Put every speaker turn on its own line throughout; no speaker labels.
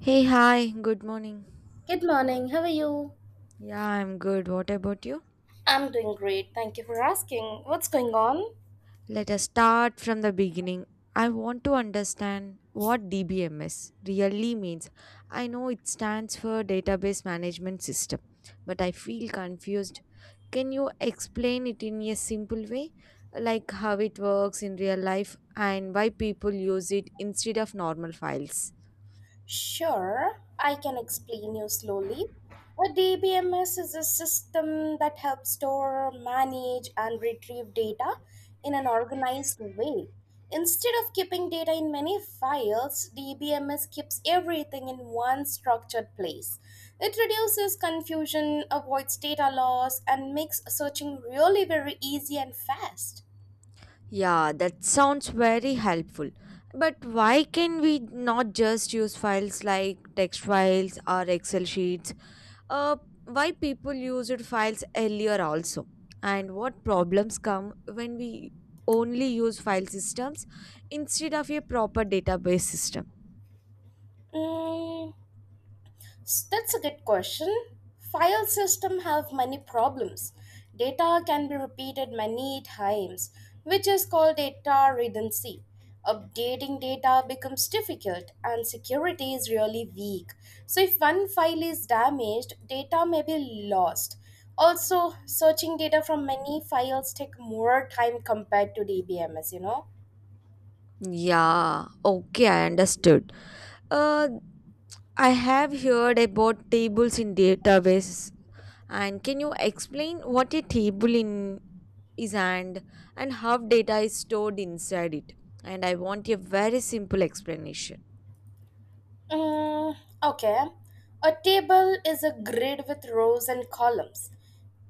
Hey, hi, good morning.
Good morning, how are you?
Yeah, I'm good. What about you?
I'm doing great, thank you for asking. What's going on?
Let us start from the beginning. I want to understand what DBMS really means. I know it stands for Database Management System, but I feel confused. Can you explain it in a simple way, like how it works in real life and why people use it instead of normal files?
Sure, I can explain you slowly. A DBMS is a system that helps store, manage, and retrieve data in an organized way. Instead of keeping data in many files, DBMS keeps everything in one structured place. It reduces confusion, avoids data loss, and makes searching really very easy and fast.
Yeah, that sounds very helpful. But why can we not just use files like text files or Excel sheets? Uh, why people used files earlier also? And what problems come when we only use file systems instead of a proper database system?
Mm, That's a good question. File system have many problems. Data can be repeated many times, which is called data redundancy. Updating data becomes difficult and security is really weak. So if one file is damaged, data may be lost. Also, searching data from many files take more time compared to DBMS.
Yeah, okay, I understood. Uh, I have heard about tables in databases. And can you explain what a table in is and how data is stored inside it, and I want a very simple explanation.
Mm, okay. A table is a grid with rows and columns.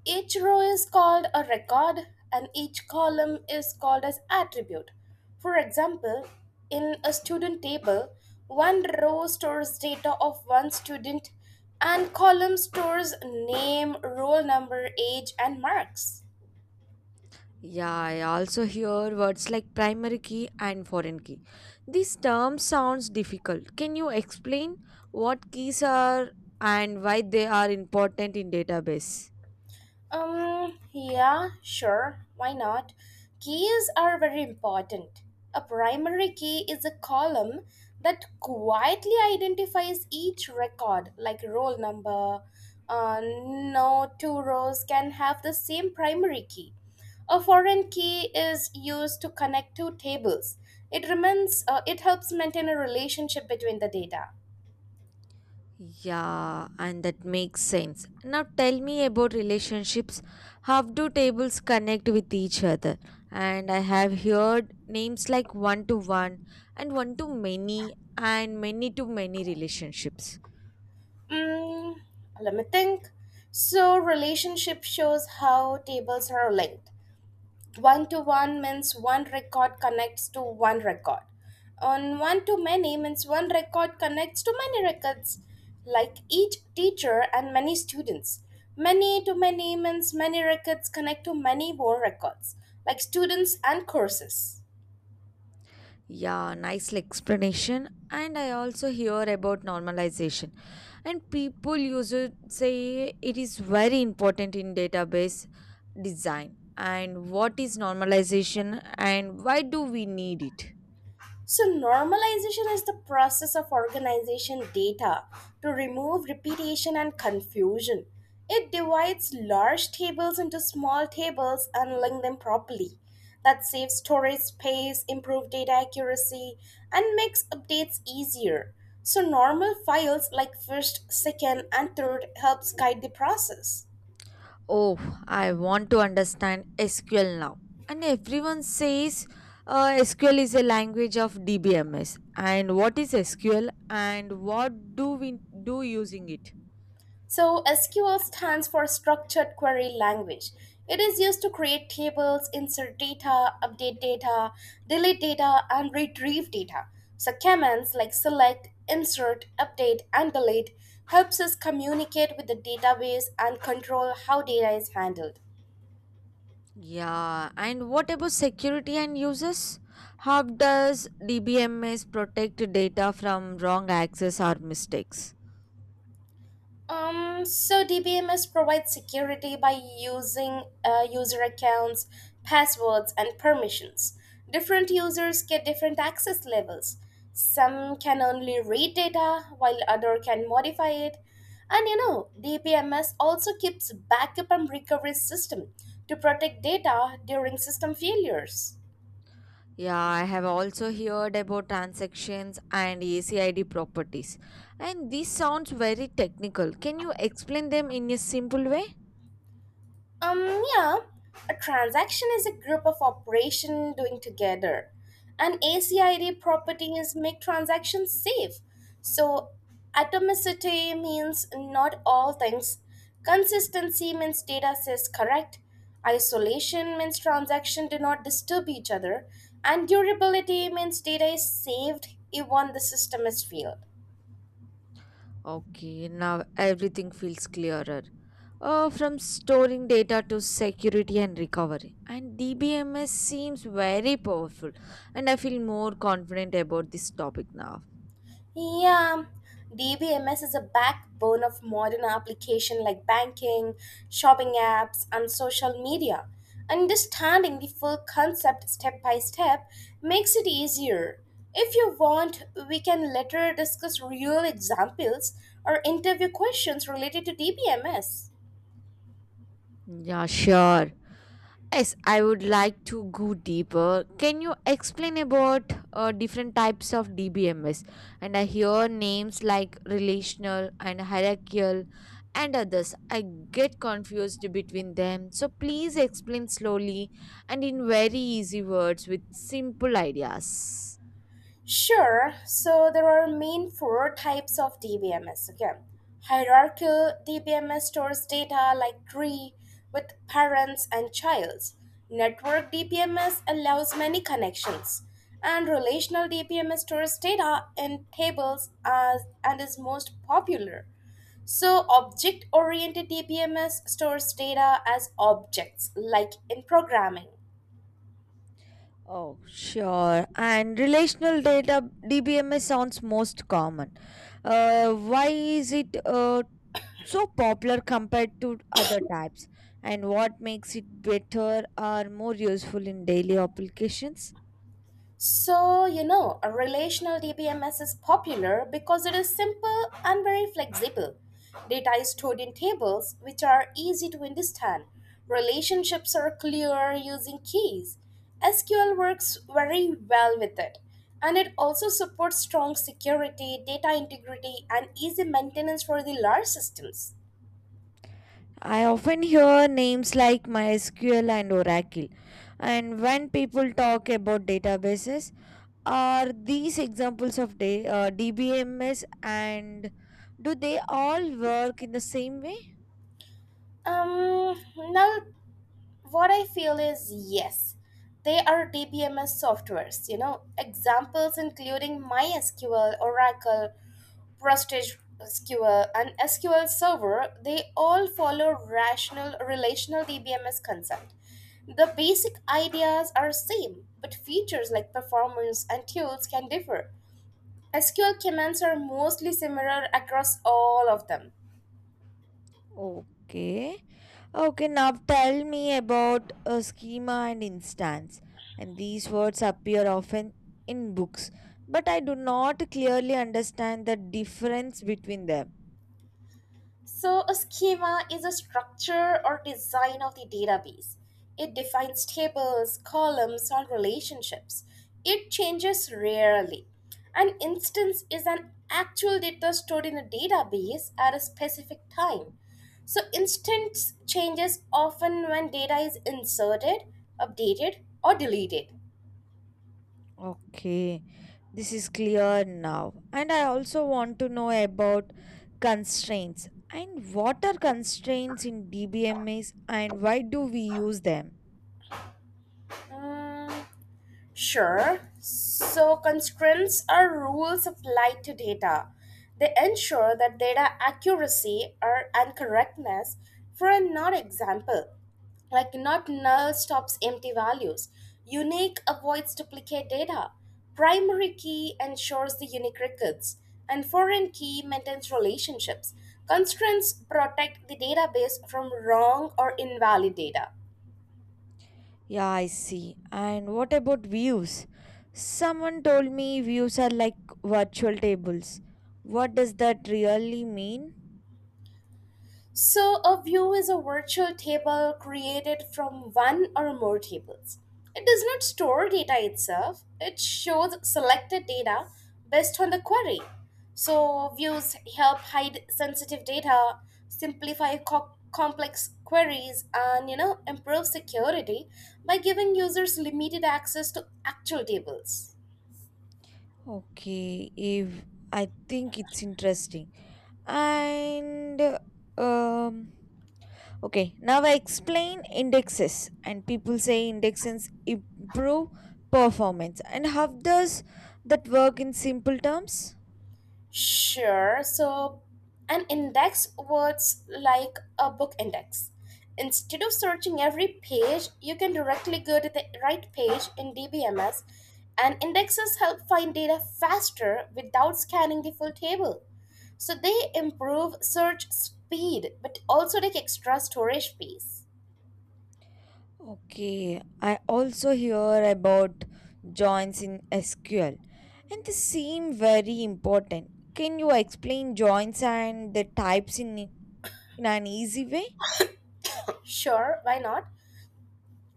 Each row is called a record and each column is called as attribute. For example, in a student table, one row stores data of one student and column stores name, roll number, age and marks.
Yeah, I also hear words like primary key and foreign key. This term sounds difficult. Can you explain what keys are and why they are important in database?
Yeah, sure. Why not? Keys are very important. A primary key is a column that quietly identifies each record, like roll number. No two rows can have the same primary key. A foreign key is used to connect two tables. It helps maintain a relationship between the data.
Yeah, and that makes sense. Now tell me about relationships. How do tables connect with each other? And I have heard names like one to one and one to many and many to many relationships.
Mm, let me think. So, relationship shows how tables are linked. One to one means one record connects to one record. On one to many means one record connects to many records, like each teacher and many students. Many to many means many records connect to many more records, like students and courses.
Yeah, nice explanation. And I also hear about normalization. And people usually say it is very important in database design. And what is normalization and why do we need it?
So, normalization is the process of organization data to remove repetition and confusion. It divides large tables into small tables and links them properly. That saves storage space, improves data accuracy, and makes updates easier. So, normal files like first, second, and third helps guide the process.
Oh, I want to understand SQL now. And everyone says SQL is a language of DBMS. And what is SQL and what do we do using it?
So, SQL stands for Structured Query Language. It is used to create tables, insert data, update data, delete data, and retrieve data. So, commands like select, insert, update, and delete helps us communicate with the database and control how data is handled.
Yeah, and what about security and users? How does DBMS protect data from wrong access or mistakes?
So DBMS provides security by using user accounts, passwords, and permissions. Different users get different access levels. Some can only read data, while other can modify it. DBMS also keeps backup and recovery system to protect data during system failures.
Yeah, I have also heard about transactions and ACID properties. And this sounds very technical. Can you explain them in a simple way?
Um, yeah, a transaction is a group of operation doing together. And ACID properties make transactions safe. So atomicity means not all things. Consistency means data says correct. Isolation means transaction do not disturb each other. And durability means data is saved even the system is failed.
Okay, now everything feels clearer. From storing data to security and recovery. And DBMS seems very powerful. And I feel more confident about this topic now.
Yeah, DBMS is a backbone of modern application like banking, shopping apps, and social media. Understanding the full concept step by step makes it easier. If you want, we can later discuss real examples or interview questions related to DBMS.
Yeah, sure. Yes, I would like to go deeper. Can you explain about different types of DBMS? And I hear names like relational and hierarchical and others. I get confused between them. So please explain slowly and in very easy words with simple ideas.
Sure. So there are main four types of DBMS. Okay, hierarchical DBMS stores data like tree with parents and childs. Network DBMS allows many connections, and relational DBMS stores data in tables as and is most popular. So object-oriented DBMS stores data as objects, like in programming.
Oh, sure. And relational data DBMS sounds most common. Why is it so popular compared to other types, and what makes it better or more useful in daily applications?
A relational DBMS is popular because it is simple and very flexible. Data is stored in tables, which are easy to understand. Relationships are clear using keys. SQL works very well with it. And it also supports strong security, data integrity, and easy maintenance for the large systems.
I often hear names like MySQL and Oracle. And when people talk about databases, are these examples of DBMS, and do they all work in the same way?
Um, now what I feel is yes, they are dbms softwares, examples including mysql, oracle, prestige sql and sql server. They all follow rational relational dbms concept. The basic ideas are same, but features like performance and tools can differ. Sql commands are mostly similar across all of them.
Okay. Okay, now tell me about a schema and instance. And these words appear often in books, but I do not clearly understand the difference between them.
So, a schema is a structure or design of the database. It defines tables, columns, or relationships. It changes rarely. An instance is an actual data stored in a database at a specific time. So, instance changes often when data is inserted, updated, or deleted.
Okay, this is clear now. And I also want to know about constraints. And what are constraints in DBMS and why do we use them?
Mm, Sure. So, constraints are rules applied to data. They ensure that data accuracy or and correctness for a not example, like not null stops empty values. Unique avoids duplicate data. Primary key ensures the unique records, and foreign key maintains relationships. Constraints protect the database from wrong or invalid data.
Yeah, I see. And what about views? Someone told me views are like virtual tables. What does that really mean?
So, a view is a virtual table created from one or more tables. It does not store data itself, it shows selected data based on the query. So, views help hide sensitive data, simplify complex queries, and improve security by giving users limited access to actual tables.
Okay, if I think it's interesting. And um okay, now I explain indexes and people say indexes improve performance. And how does that work in simple terms?
Sure. So, an index works like a book index. Instead of searching every page, you can directly go to the right page in DBMS, and indexes help find data faster without scanning the full table. So, they improve search speed but also take extra storage space.
Okay, I also hear about joins in SQL, and they seem very important. Can you explain joins and the types in an easy way?
Sure, why not?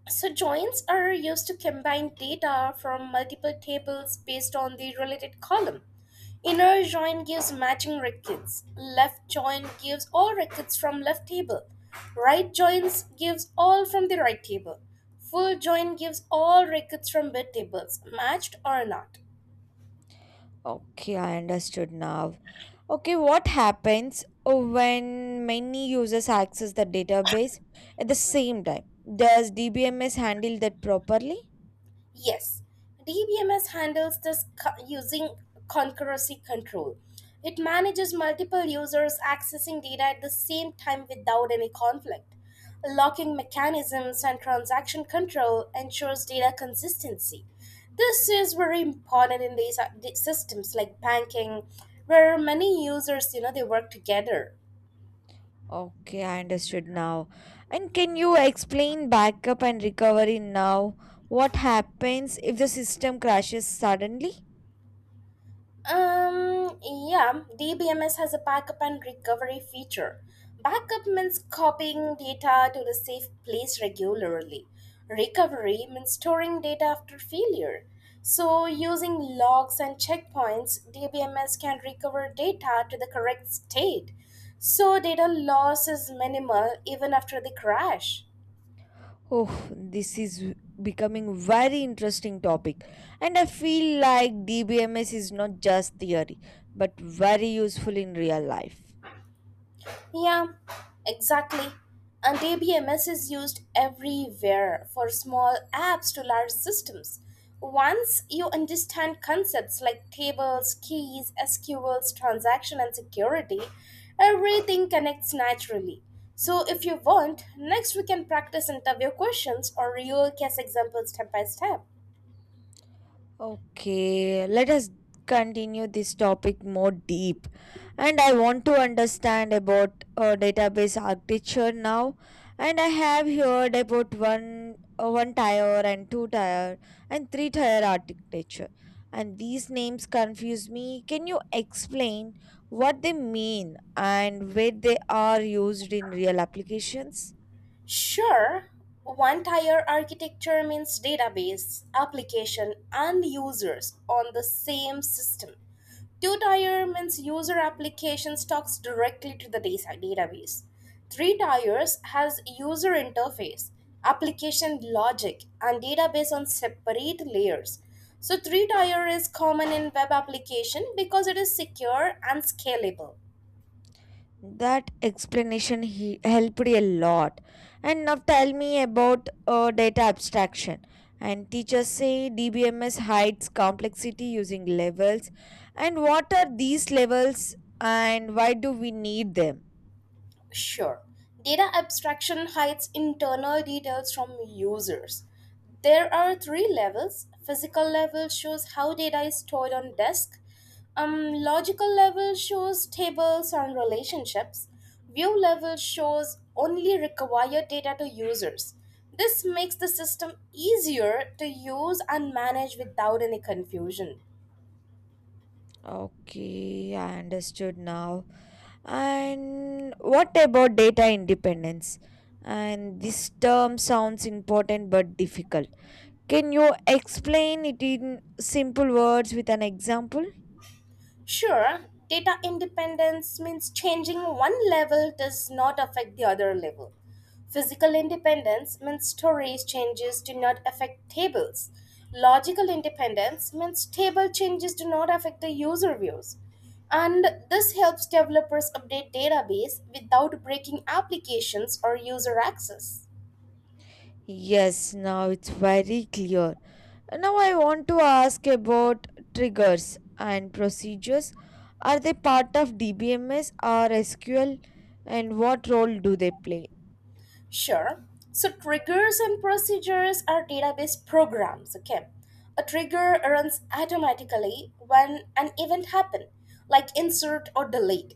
So, joins are used to combine data from multiple tables based on the related column. Inner join gives matching records. Left join gives all records from left table. Right joins gives all from the right table. Full join gives all records from bid tables, matched or not.
Okay, I understood now. Okay, what happens when many users access the database at the same time? Does DBMS handle that properly?
Yes, DBMS handles this using concurrency control. It manages multiple users accessing data at the same time without any conflict. Locking mechanisms and transaction control ensures data consistency. This is very important in these systems like banking, where many users, they work together.
Okay, I understood now. And can you explain backup and recovery now? What happens if the system crashes suddenly?
Um, yeah, DBMS has a backup and recovery feature. Backup means copying data to the safe place regularly. Recovery means storing data after failure. So, using logs and checkpoints, DBMS can recover data to the correct state. So, data loss is minimal even after the crash.
Oh, this is becoming very interesting topic, and I feel like DBMS is not just theory but very useful in real life.
Yeah, exactly. And ABMS is used everywhere for small apps to large systems. Once you understand concepts like tables, keys, SQLs, transaction, and security, everything connects naturally. So, if you want, next we can practice interview questions or real case examples step by step.
Okay, let us continue this topic more deep. And I want to understand about database architecture now. And I have heard about one tier and two tier and three tier architecture. And these names confuse me. Can you explain what they mean and where they are used in real applications?
Sure, one tier architecture means database, application, and users on the same system. Two tier means user applications talks directly to the database. Three tiers has user interface, application logic, and database on separate layers. So three tier is common in web application because it is secure and scalable.
That explanation he helped a lot. And now tell me about data abstraction. And teachers say DBMS hides complexity using levels. And what are these levels and why do we need them?
Sure. Data abstraction hides internal details from users. There are three levels. Physical level shows how data is stored on disk. Logical level shows tables and relationships. View level shows only required data to users. This makes the system easier to use and manage without any confusion.
Okay, I understood now. And what about data independence? And this term sounds important but difficult. Can you explain it in simple words with an example?
Sure, data independence means changing one level does not affect the other level. Physical independence means storage changes do not affect tables. Logical independence means table changes do not affect the user views. And this helps developers update database without breaking applications or user access.
Yes, now it's very clear. Now, I want to ask about triggers and procedures. Are they part of DBMS or SQL, and what role do they play?
Sure. So triggers and procedures are database programs, okay? A trigger runs automatically when an event happens, like insert or delete.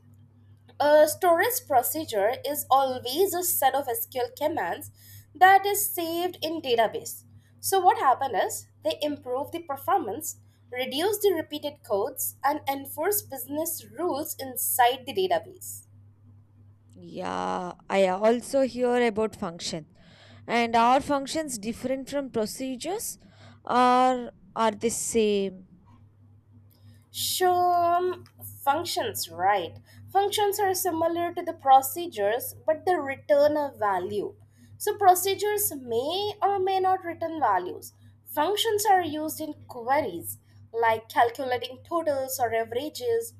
A storage procedure is always a set of SQL commands that is saved in database. So what happened is they improve the performance, reduce the repeated codes, and enforce business rules inside the database.
Yeah, I also hear about function. And are functions different from procedures or are they same?
Sure, functions, right? Functions are similar to the procedures, but they return a value. So, procedures may or may not return values. Functions are used in queries, like calculating totals or averages.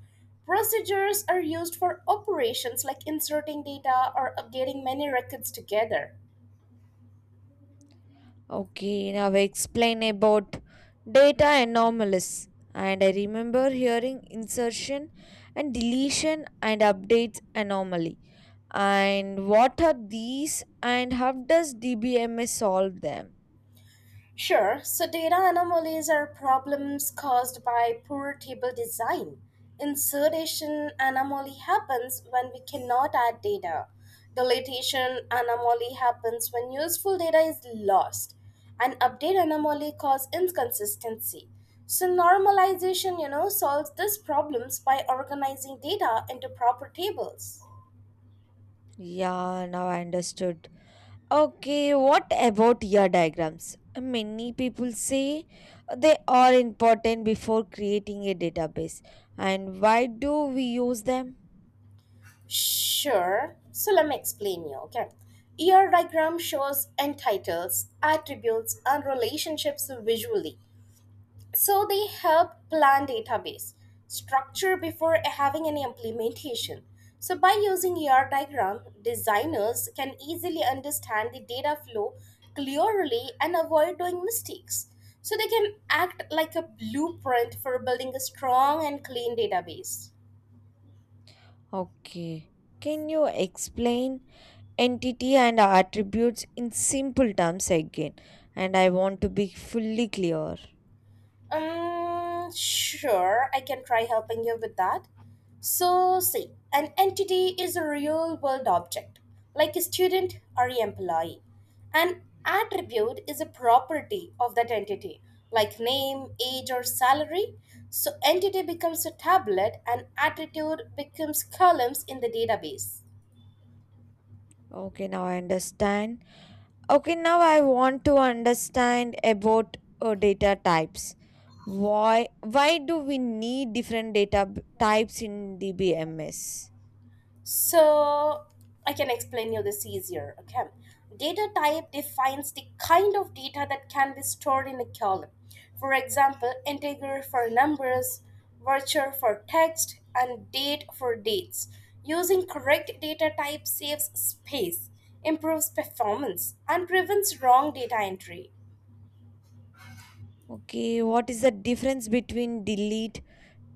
Procedures are used for operations, like inserting data or updating many records together.
Okay, now explain about data anomalies. And I remember hearing insertion and deletion and updates anomaly. And what are these and how does DBMS solve them?
Sure, so data anomalies are problems caused by poor table design. Insertion anomaly happens when we cannot add data. Deletion anomaly happens when useful data is lost. And update anomaly cause inconsistency. So normalization, solves these problems by organizing data into proper tables.
Yeah, now I understood. Okay, what about your diagrams? Many people say they are important before creating a database. And why do we use them?
Sure. So let me explain you, okay? ER diagram shows end titles, attributes, and relationships visually. So they help plan database structure before having any implementation. So by using ER diagram, designers can easily understand the data flow clearly and avoid doing mistakes. So they can act like a blueprint for building a strong and clean database.
Okay. Can you explain entity and attributes in simple terms again, and I want to be fully clear.
Sure, I can try helping you with that. So, see, an entity is a real world object, like a student or an employee. An attribute is a property of that entity, like name, age, or salary. So, entity becomes a tablet and attribute becomes columns in the database.
Okay, now I understand. Okay, now I want to understand about data types. Why do we need different types in DBMS?
So I can explain you this easier. Okay. Data type defines the kind of data that can be stored in a column. For example, integer for numbers, virtual for text, and date for dates. Using correct data type saves space, improves performance, and prevents wrong data entry.
Okay, what is the difference between delete,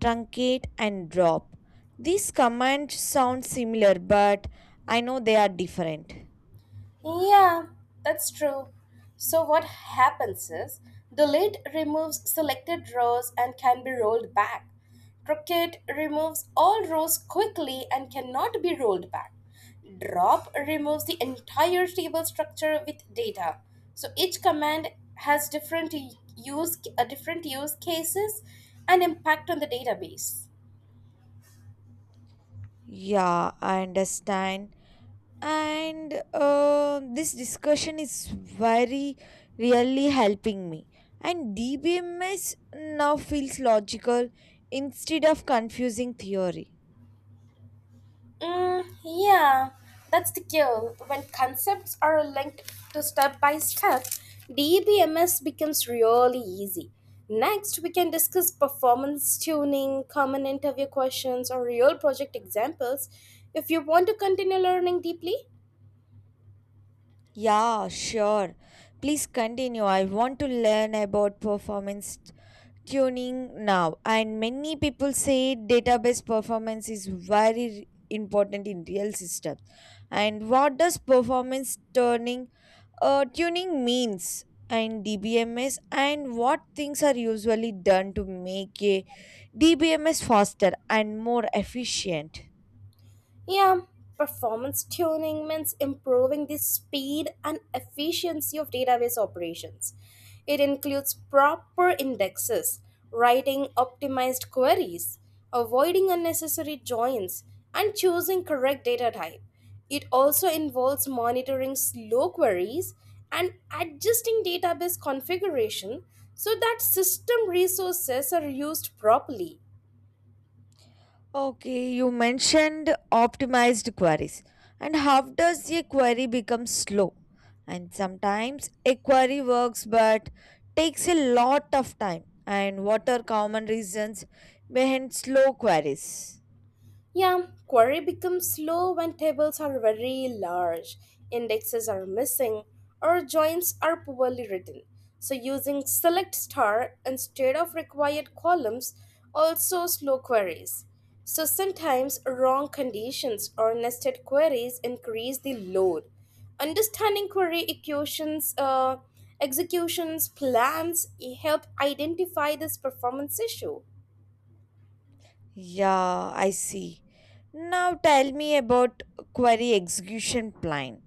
truncate, and drop. These commands sound similar, but I know they are different.
Yeah, that's true. So, what happens is the lid removes selected rows and can be rolled back. Croquet removes all rows quickly and cannot be rolled back. Drop removes the entire table structure with data. So, each command has different different use cases and impact on the database.
Yeah, I understand. And this discussion is very really helping me. And DBMS now feels logical instead of confusing theory.
Mm, yeah, that's the kill. When concepts are linked to step by step, DBMS becomes really easy. Next, we can discuss performance tuning, common interview questions, or real project examples if you want to continue learning deeply.
Yeah, sure. Please continue. I want to learn about performance tuning now, and many people say database performance is very important in real systems, and what does performance turning tuning means and DBMS, and what things are usually done to make a DBMS faster and more efficient?
Yeah, performance tuning means improving the speed and efficiency of database operations. It includes proper indexes, writing optimized queries, avoiding unnecessary joins, and choosing correct data type. It also involves monitoring slow queries and adjusting database configuration so that system resources are used properly.
Okay, you mentioned optimized queries. And how does a query become slow? And sometimes a query works but takes a lot of time. And what are common reasons behind slow queries?
Yeah, query becomes slow when tables are very large, indexes are missing, or joins are poorly written. So using select star instead of required columns also slow queries. So sometimes wrong conditions or nested queries increase the load. Understanding executions, plans help identify this performance issue.
Yeah, I see. Now tell me about query execution plan,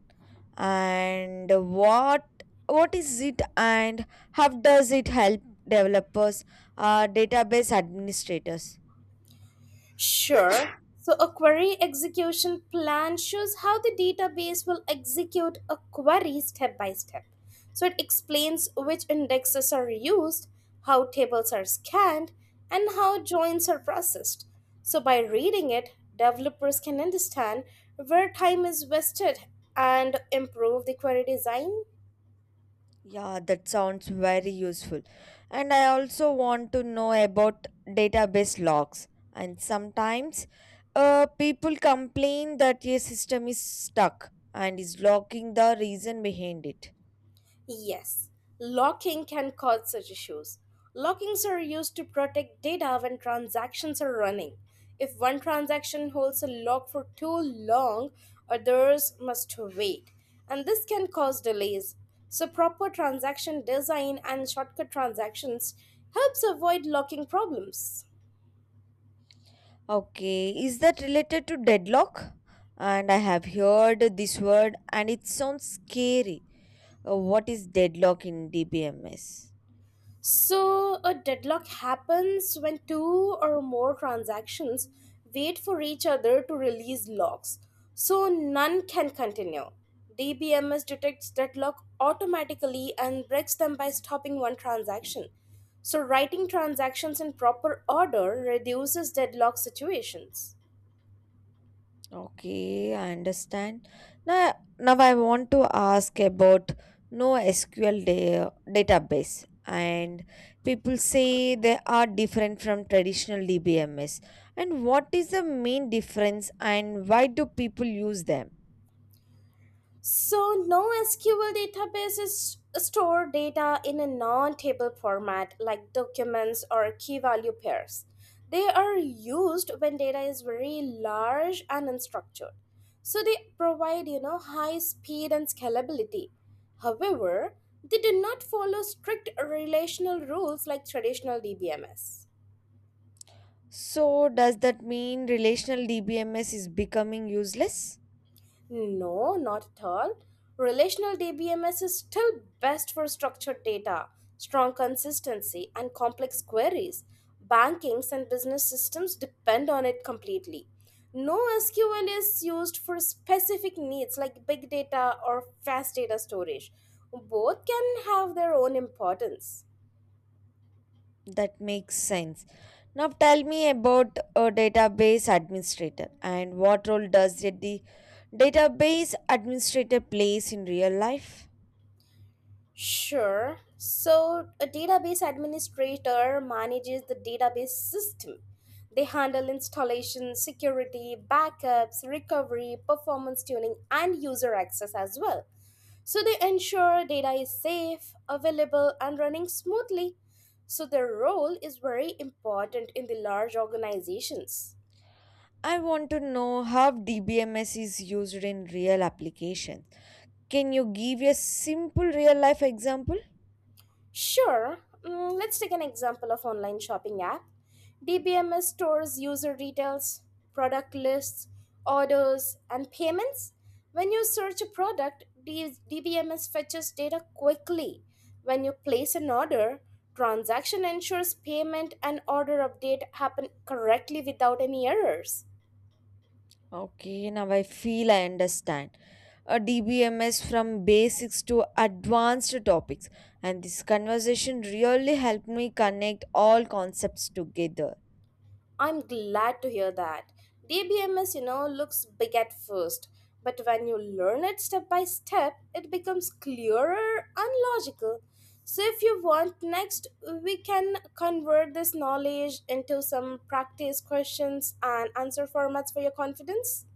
and what is it and how does it help developers, database administrators?
Sure. So a query execution plan shows how the database will execute a query step by step. So it explains which indexes are used, how tables are scanned, and how joins are processed. So by reading it, developers can understand where time is wasted and improve the query design.
Yeah, that sounds very useful. And I also want to know about database logs. And sometimes people complain that a system is stuck and is locking the reason behind it.
Yes, locking can cause such issues. Lockings are used to protect data when transactions are running. If one transaction holds a lock for too long, others must wait, and this can cause delays. So, proper transaction design and shortcut transactions helps avoid locking problems.
Okay, is that related to deadlock? And I have heard this word and it sounds scary. What is deadlock in DBMS?
So, a deadlock happens when two or more transactions wait for each other to release locks, so none can continue. DBMS detects deadlock automatically and breaks them by stopping one transaction. So, writing transactions in proper order reduces deadlock situations.
Okay, I understand. Now I want to ask about NoSQL database. And people say they are different from traditional DBMS. And what is the main difference and why do people use them?
So, NoSQL databases store data in a non table format like documents or key value pairs. They are used when data is very large and unstructured. So, they provide you know high speed and scalability. However, they do not follow strict relational rules like traditional DBMS.
So, does that mean relational DBMS is becoming useless?
No, not at all. Relational DBMS is still best for structured data, strong consistency, and complex queries. Bankings and business systems depend on it completely. No SQL is used for specific needs like big data or fast data storage. Both can have their own importance.
That makes sense. Now, tell me about a database administrator, and what role does the database administrator plays in real life?
Sure. So, a database administrator manages the database system. They handle installation, security, backups, recovery, performance tuning, and user access as well. So, they ensure data is safe, available, and running smoothly. So, their role is very important in the large organizations.
I want to know how DBMS is used in real applications. Can you give a simple real life example?
Sure, mm, let's take an example of online shopping app. DBMS stores user details, product lists, orders, and payments. When you search a product, DBMS fetches data quickly. When you place an order, transaction ensures payment and order update happen correctly without any errors.
Okay, now I feel I understand a DBMS from basics to advanced topics, and this conversation really helped me connect all concepts together.
I'm glad to hear that. DBMS, you know, looks big at first, but when you learn it step by step, it becomes clearer and logical. So, if you want next, we can convert this knowledge into some practice questions and answer formats for your confidence.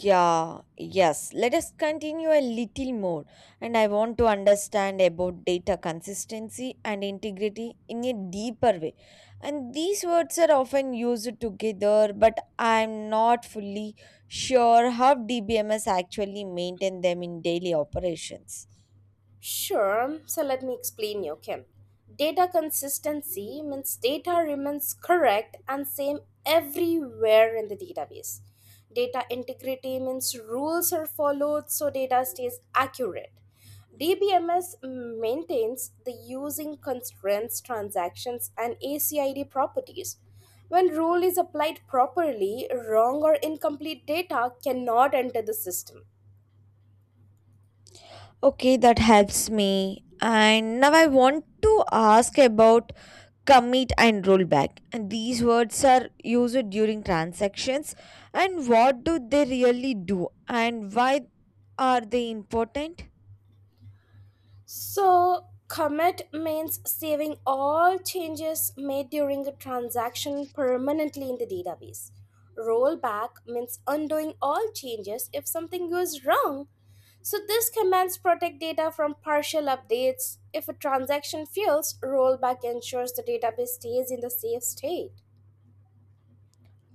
Yeah, yes. Let us continue a little more. And I want to understand about data consistency and integrity in a deeper way. And these words are often used together, but I'm not fully sure how DBMS actually maintain them in daily operations.
Sure, so let me explain you, Kim. Data consistency means data remains correct and same everywhere in the database. Data integrity means rules are followed so data stays accurate. DBMS maintains the using constraints, transactions, and ACID properties. When rule is applied properly, wrong or incomplete data cannot enter the system.
Okay, that helps me. And now I want to ask about commit and rollback. And these words are used during transactions. And what do they really do? And why are they important?
So, commit means saving all changes made during a transaction permanently in the database. Rollback means undoing all changes if something goes wrong. So, these commands protect data from partial updates. If a transaction fails, rollback ensures the database stays in the safe state.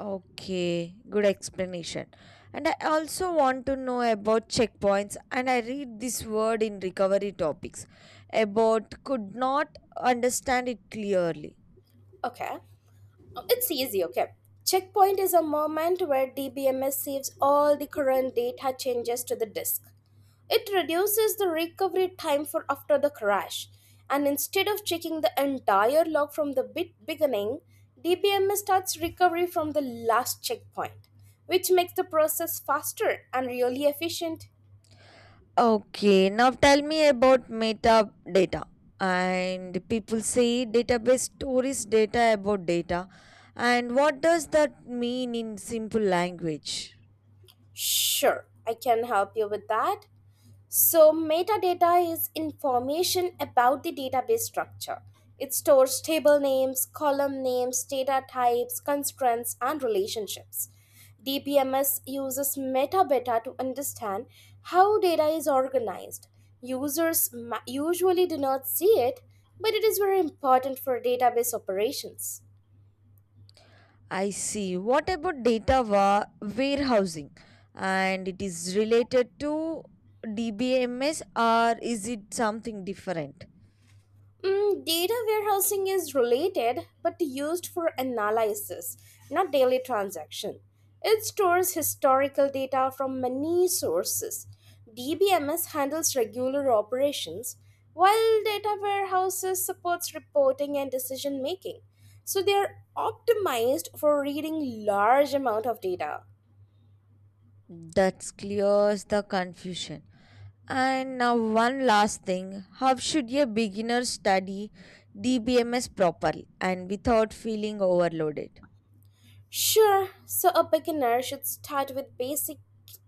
Okay, good explanation. And I also want to know about checkpoints. And I read this word in recovery topics about could not understand it clearly.
Okay. It's easy, okay. Checkpoint is a moment where DBMS saves all the current data changes to the disk. It reduces the recovery time for after the crash. And instead of checking the entire log from the bit beginning, DBMS starts recovery from the last checkpoint, which makes the process faster and really efficient.
Okay, now tell me about metadata. And people say database stores data about data. And what does that mean in simple language?
Sure, I can help you with that. So, metadata is information about the database structure. It stores table names, column names, data types, constraints, and relationships. DBMS uses metadata to understand how data is organized. Users usually do not see it, but it is very important for database operations.
I see. What about warehousing? And it is related to DBMS or is it something different?
Mm, data warehousing is related but used for analysis, not daily transaction. It stores historical data from many sources. DBMS handles regular operations, while data warehouses supports reporting and decision making. So they are optimized for reading large amount of data.
That clears the confusion. And now, one last thing: how should a beginner study DBMS properly and without feeling overloaded?
Sure, so a beginner should start with basic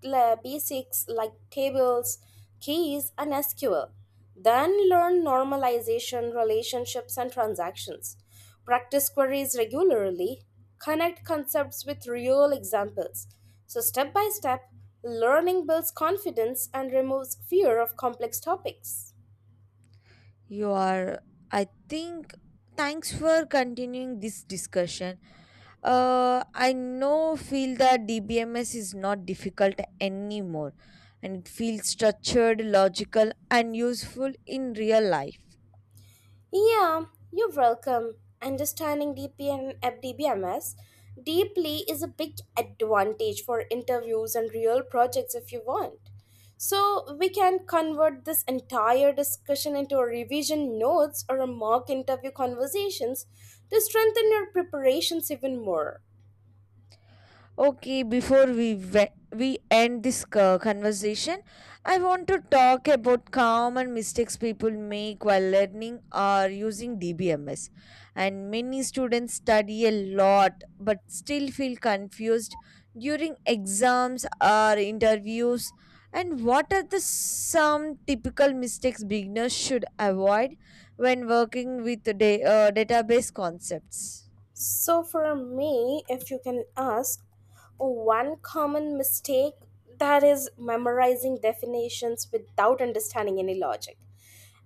la- basics like tables, keys, and SQL. Then learn normalization, relationships, and transactions. Practice queries regularly. Connect concepts with real examples. So, step by step, learning builds confidence and removes fear of complex topics.
You are, I think, thanks for continuing this discussion. I know, feel that DBMS is not difficult anymore, and it feels structured, logical, and useful in real life.
Yeah, you're welcome. Understanding DPM at DBMS deeply is a big advantage for interviews and real projects if you want. So we can convert this entire discussion into a revision notes or a mock interview conversations to strengthen your preparations even more.
Okay, before we end this conversation, I want to talk about common mistakes people make while learning or using DBMS. And many students study a lot but still feel confused during exams or interviews. And what are the some typical mistakes beginners should avoid when working with the database concepts?
So, for me, if you can ask, one common mistake that is memorizing definitions without understanding any logic.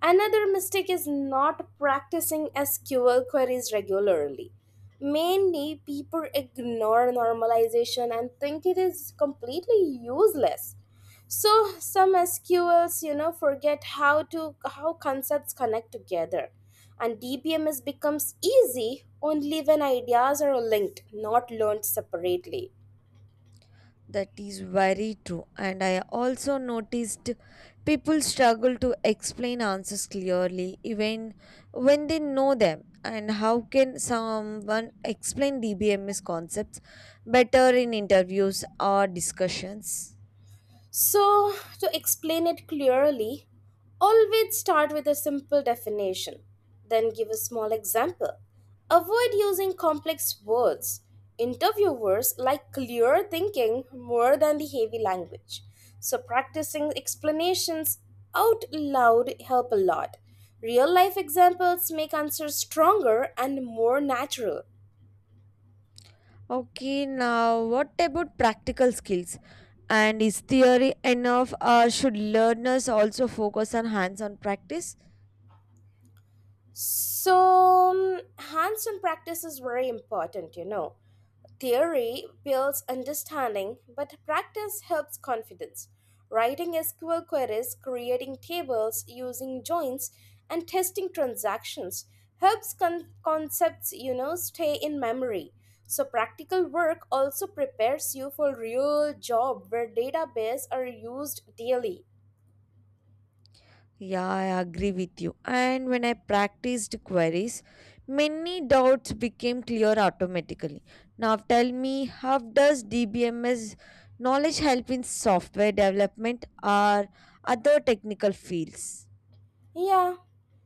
Another mistake is not practicing SQL queries regularly. Mainly, people ignore normalization and think it is completely useless so some sqls you know forget how to how concepts connect together and dbms becomes easy only when ideas are linked not learned separately.
That is very true. And I also noticed people struggle to explain answers clearly, even when they know them. And how can someone explain DBMS concepts better in interviews or discussions?
So, to explain it clearly, always start with a simple definition, then give a small example. Avoid using complex words. Interviewers like clear thinking more than the heavy language. So, practicing explanations out loud help a lot. Real life examples make answers stronger and more natural.
Okay, now what about practical skills? And is theory enough, or should learners also focus on hands on practice?
So, mm, hands on practice is very important, you know. Theory builds understanding, but practice helps confidence. Writing SQL queries, creating tables, using joins, and testing transactions helps concepts, you know, stay in memory. So, practical work also prepares you for real job where database are used daily.
Yeah, I agree with you. And when I practiced queries, many doubts became clear automatically. Now tell me, how does DBMS knowledge help in software development or other technical fields?
Yeah,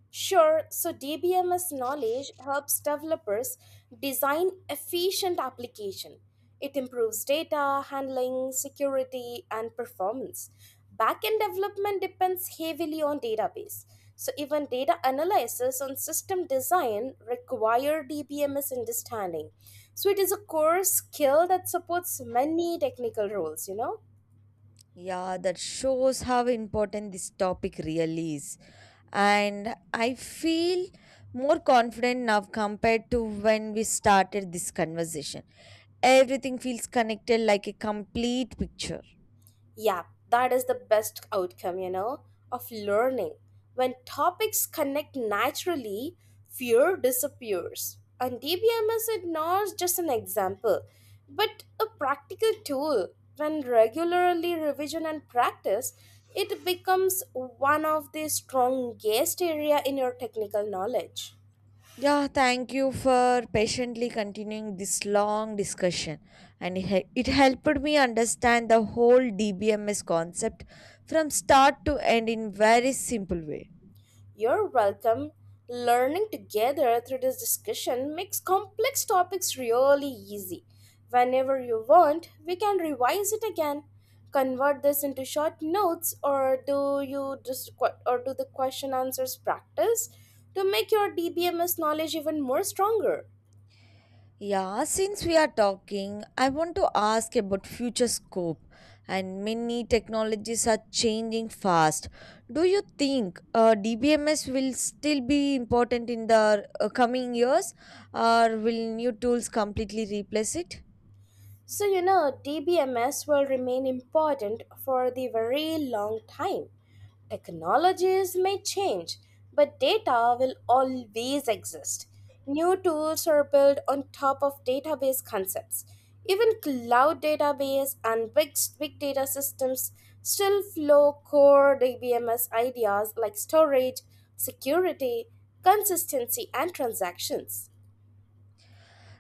sure. So, DBMS knowledge helps developers design efficient application. It improves data handling, security, and performance. Backend development depends heavily on database. So, even data analysis on system design require DBMS understanding. So, it is a core skill that supports many technical roles, you know?
Yeah, that shows how important this topic really is. And I feel more confident now compared to when we started this conversation. Everything feels connected like a complete picture.
Yeah, that is the best outcome, you know, of learning. When topics connect naturally, fear disappears. And DBMS is not just an example, but a practical tool. When regularly revision and practice, it becomes one of the strongest area in your technical knowledge.
Yeah, thank you for patiently continuing this long discussion. And it helped me understand the whole DBMS concept from start to end in very simple way.
You're welcome. Learning together through this discussion makes complex topics really easy. Whenever you want, we can revise it again. Convert this into short notes or do you just que- or do the question answers practice to make your DBMS knowledge even more stronger.
Yeah, since we are talking, I want to ask about future scope, and many technologies are changing fast. Do you think DBMS will still be important in the coming years, or will new tools completely replace it?
So, you know, DBMS will remain important for the very long time. Technologies may change, but data will always exist. New tools are built on top of database concepts. Even cloud database and big data systems still flow core DBMS ideas like storage, security, consistency, and transactions.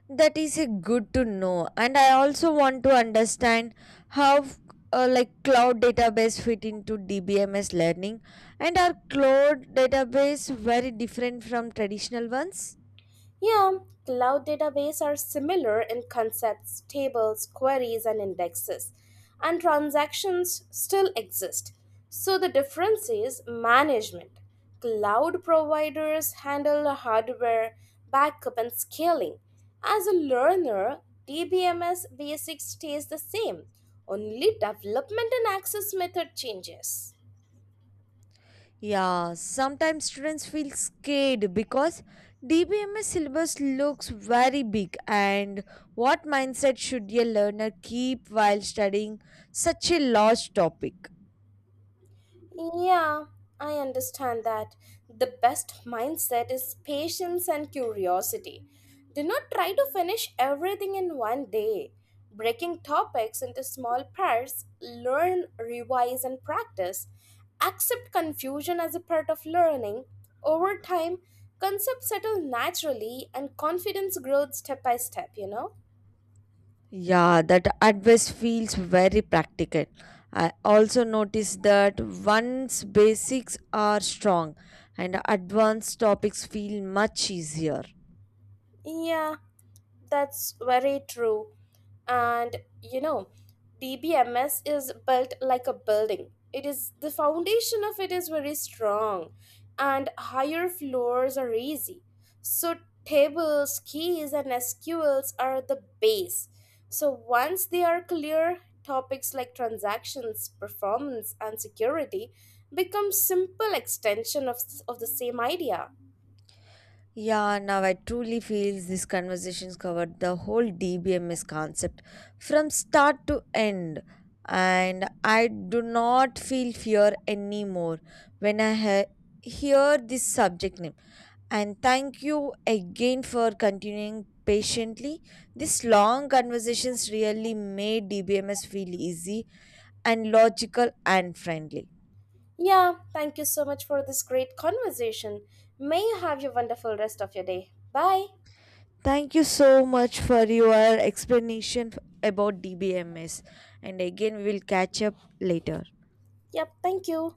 That is a good to know. And I also want to understand how like cloud database fit into DBMS learning, and are cloud database very different from traditional ones?
Yeah, cloud databases are similar in concepts, tables, queries, and indexes, and transactions still exist. So the difference is management. Cloud providers handle the hardware, backup, and scaling. As a learner, DBMS basics stays the same, only development and access method changes.
Yeah, sometimes students feel scared because DBMS syllabus looks very big, and what mindset should a learner keep while studying such a large topic?
Yeah, I understand that. The best mindset is patience and curiosity. Do not try to finish everything in one day. Breaking topics into small parts, learn, revise, and practice. Accept confusion as a part of learning. Over time, concepts settle naturally and confidence grows step by step, you know?
Yeah, that advice feels very practical. I also noticed that once basics are strong and advanced topics feel much easier.
Yeah, that's very true. And you know, DBMS is built like a building. It is the foundation of it is very strong, and higher floors are easy. So tables, keys, and SQLs are the base. So once they are clear, topics like transactions, performance, and security become simple extension of the same idea.
Yeah, now I truly feel this conversations covered the whole DBMS concept from start to end. And I do not feel fear anymore when hear this subject name. And thank you again for continuing patiently. These long conversations really made DBMS feel easy and logical and friendly.
Yeah, thank you so much for this great conversation. May you have your wonderful rest of your day. Bye.
Thank you so much for your explanation about DBMS. And again, we will catch up later.
Yep, thank you.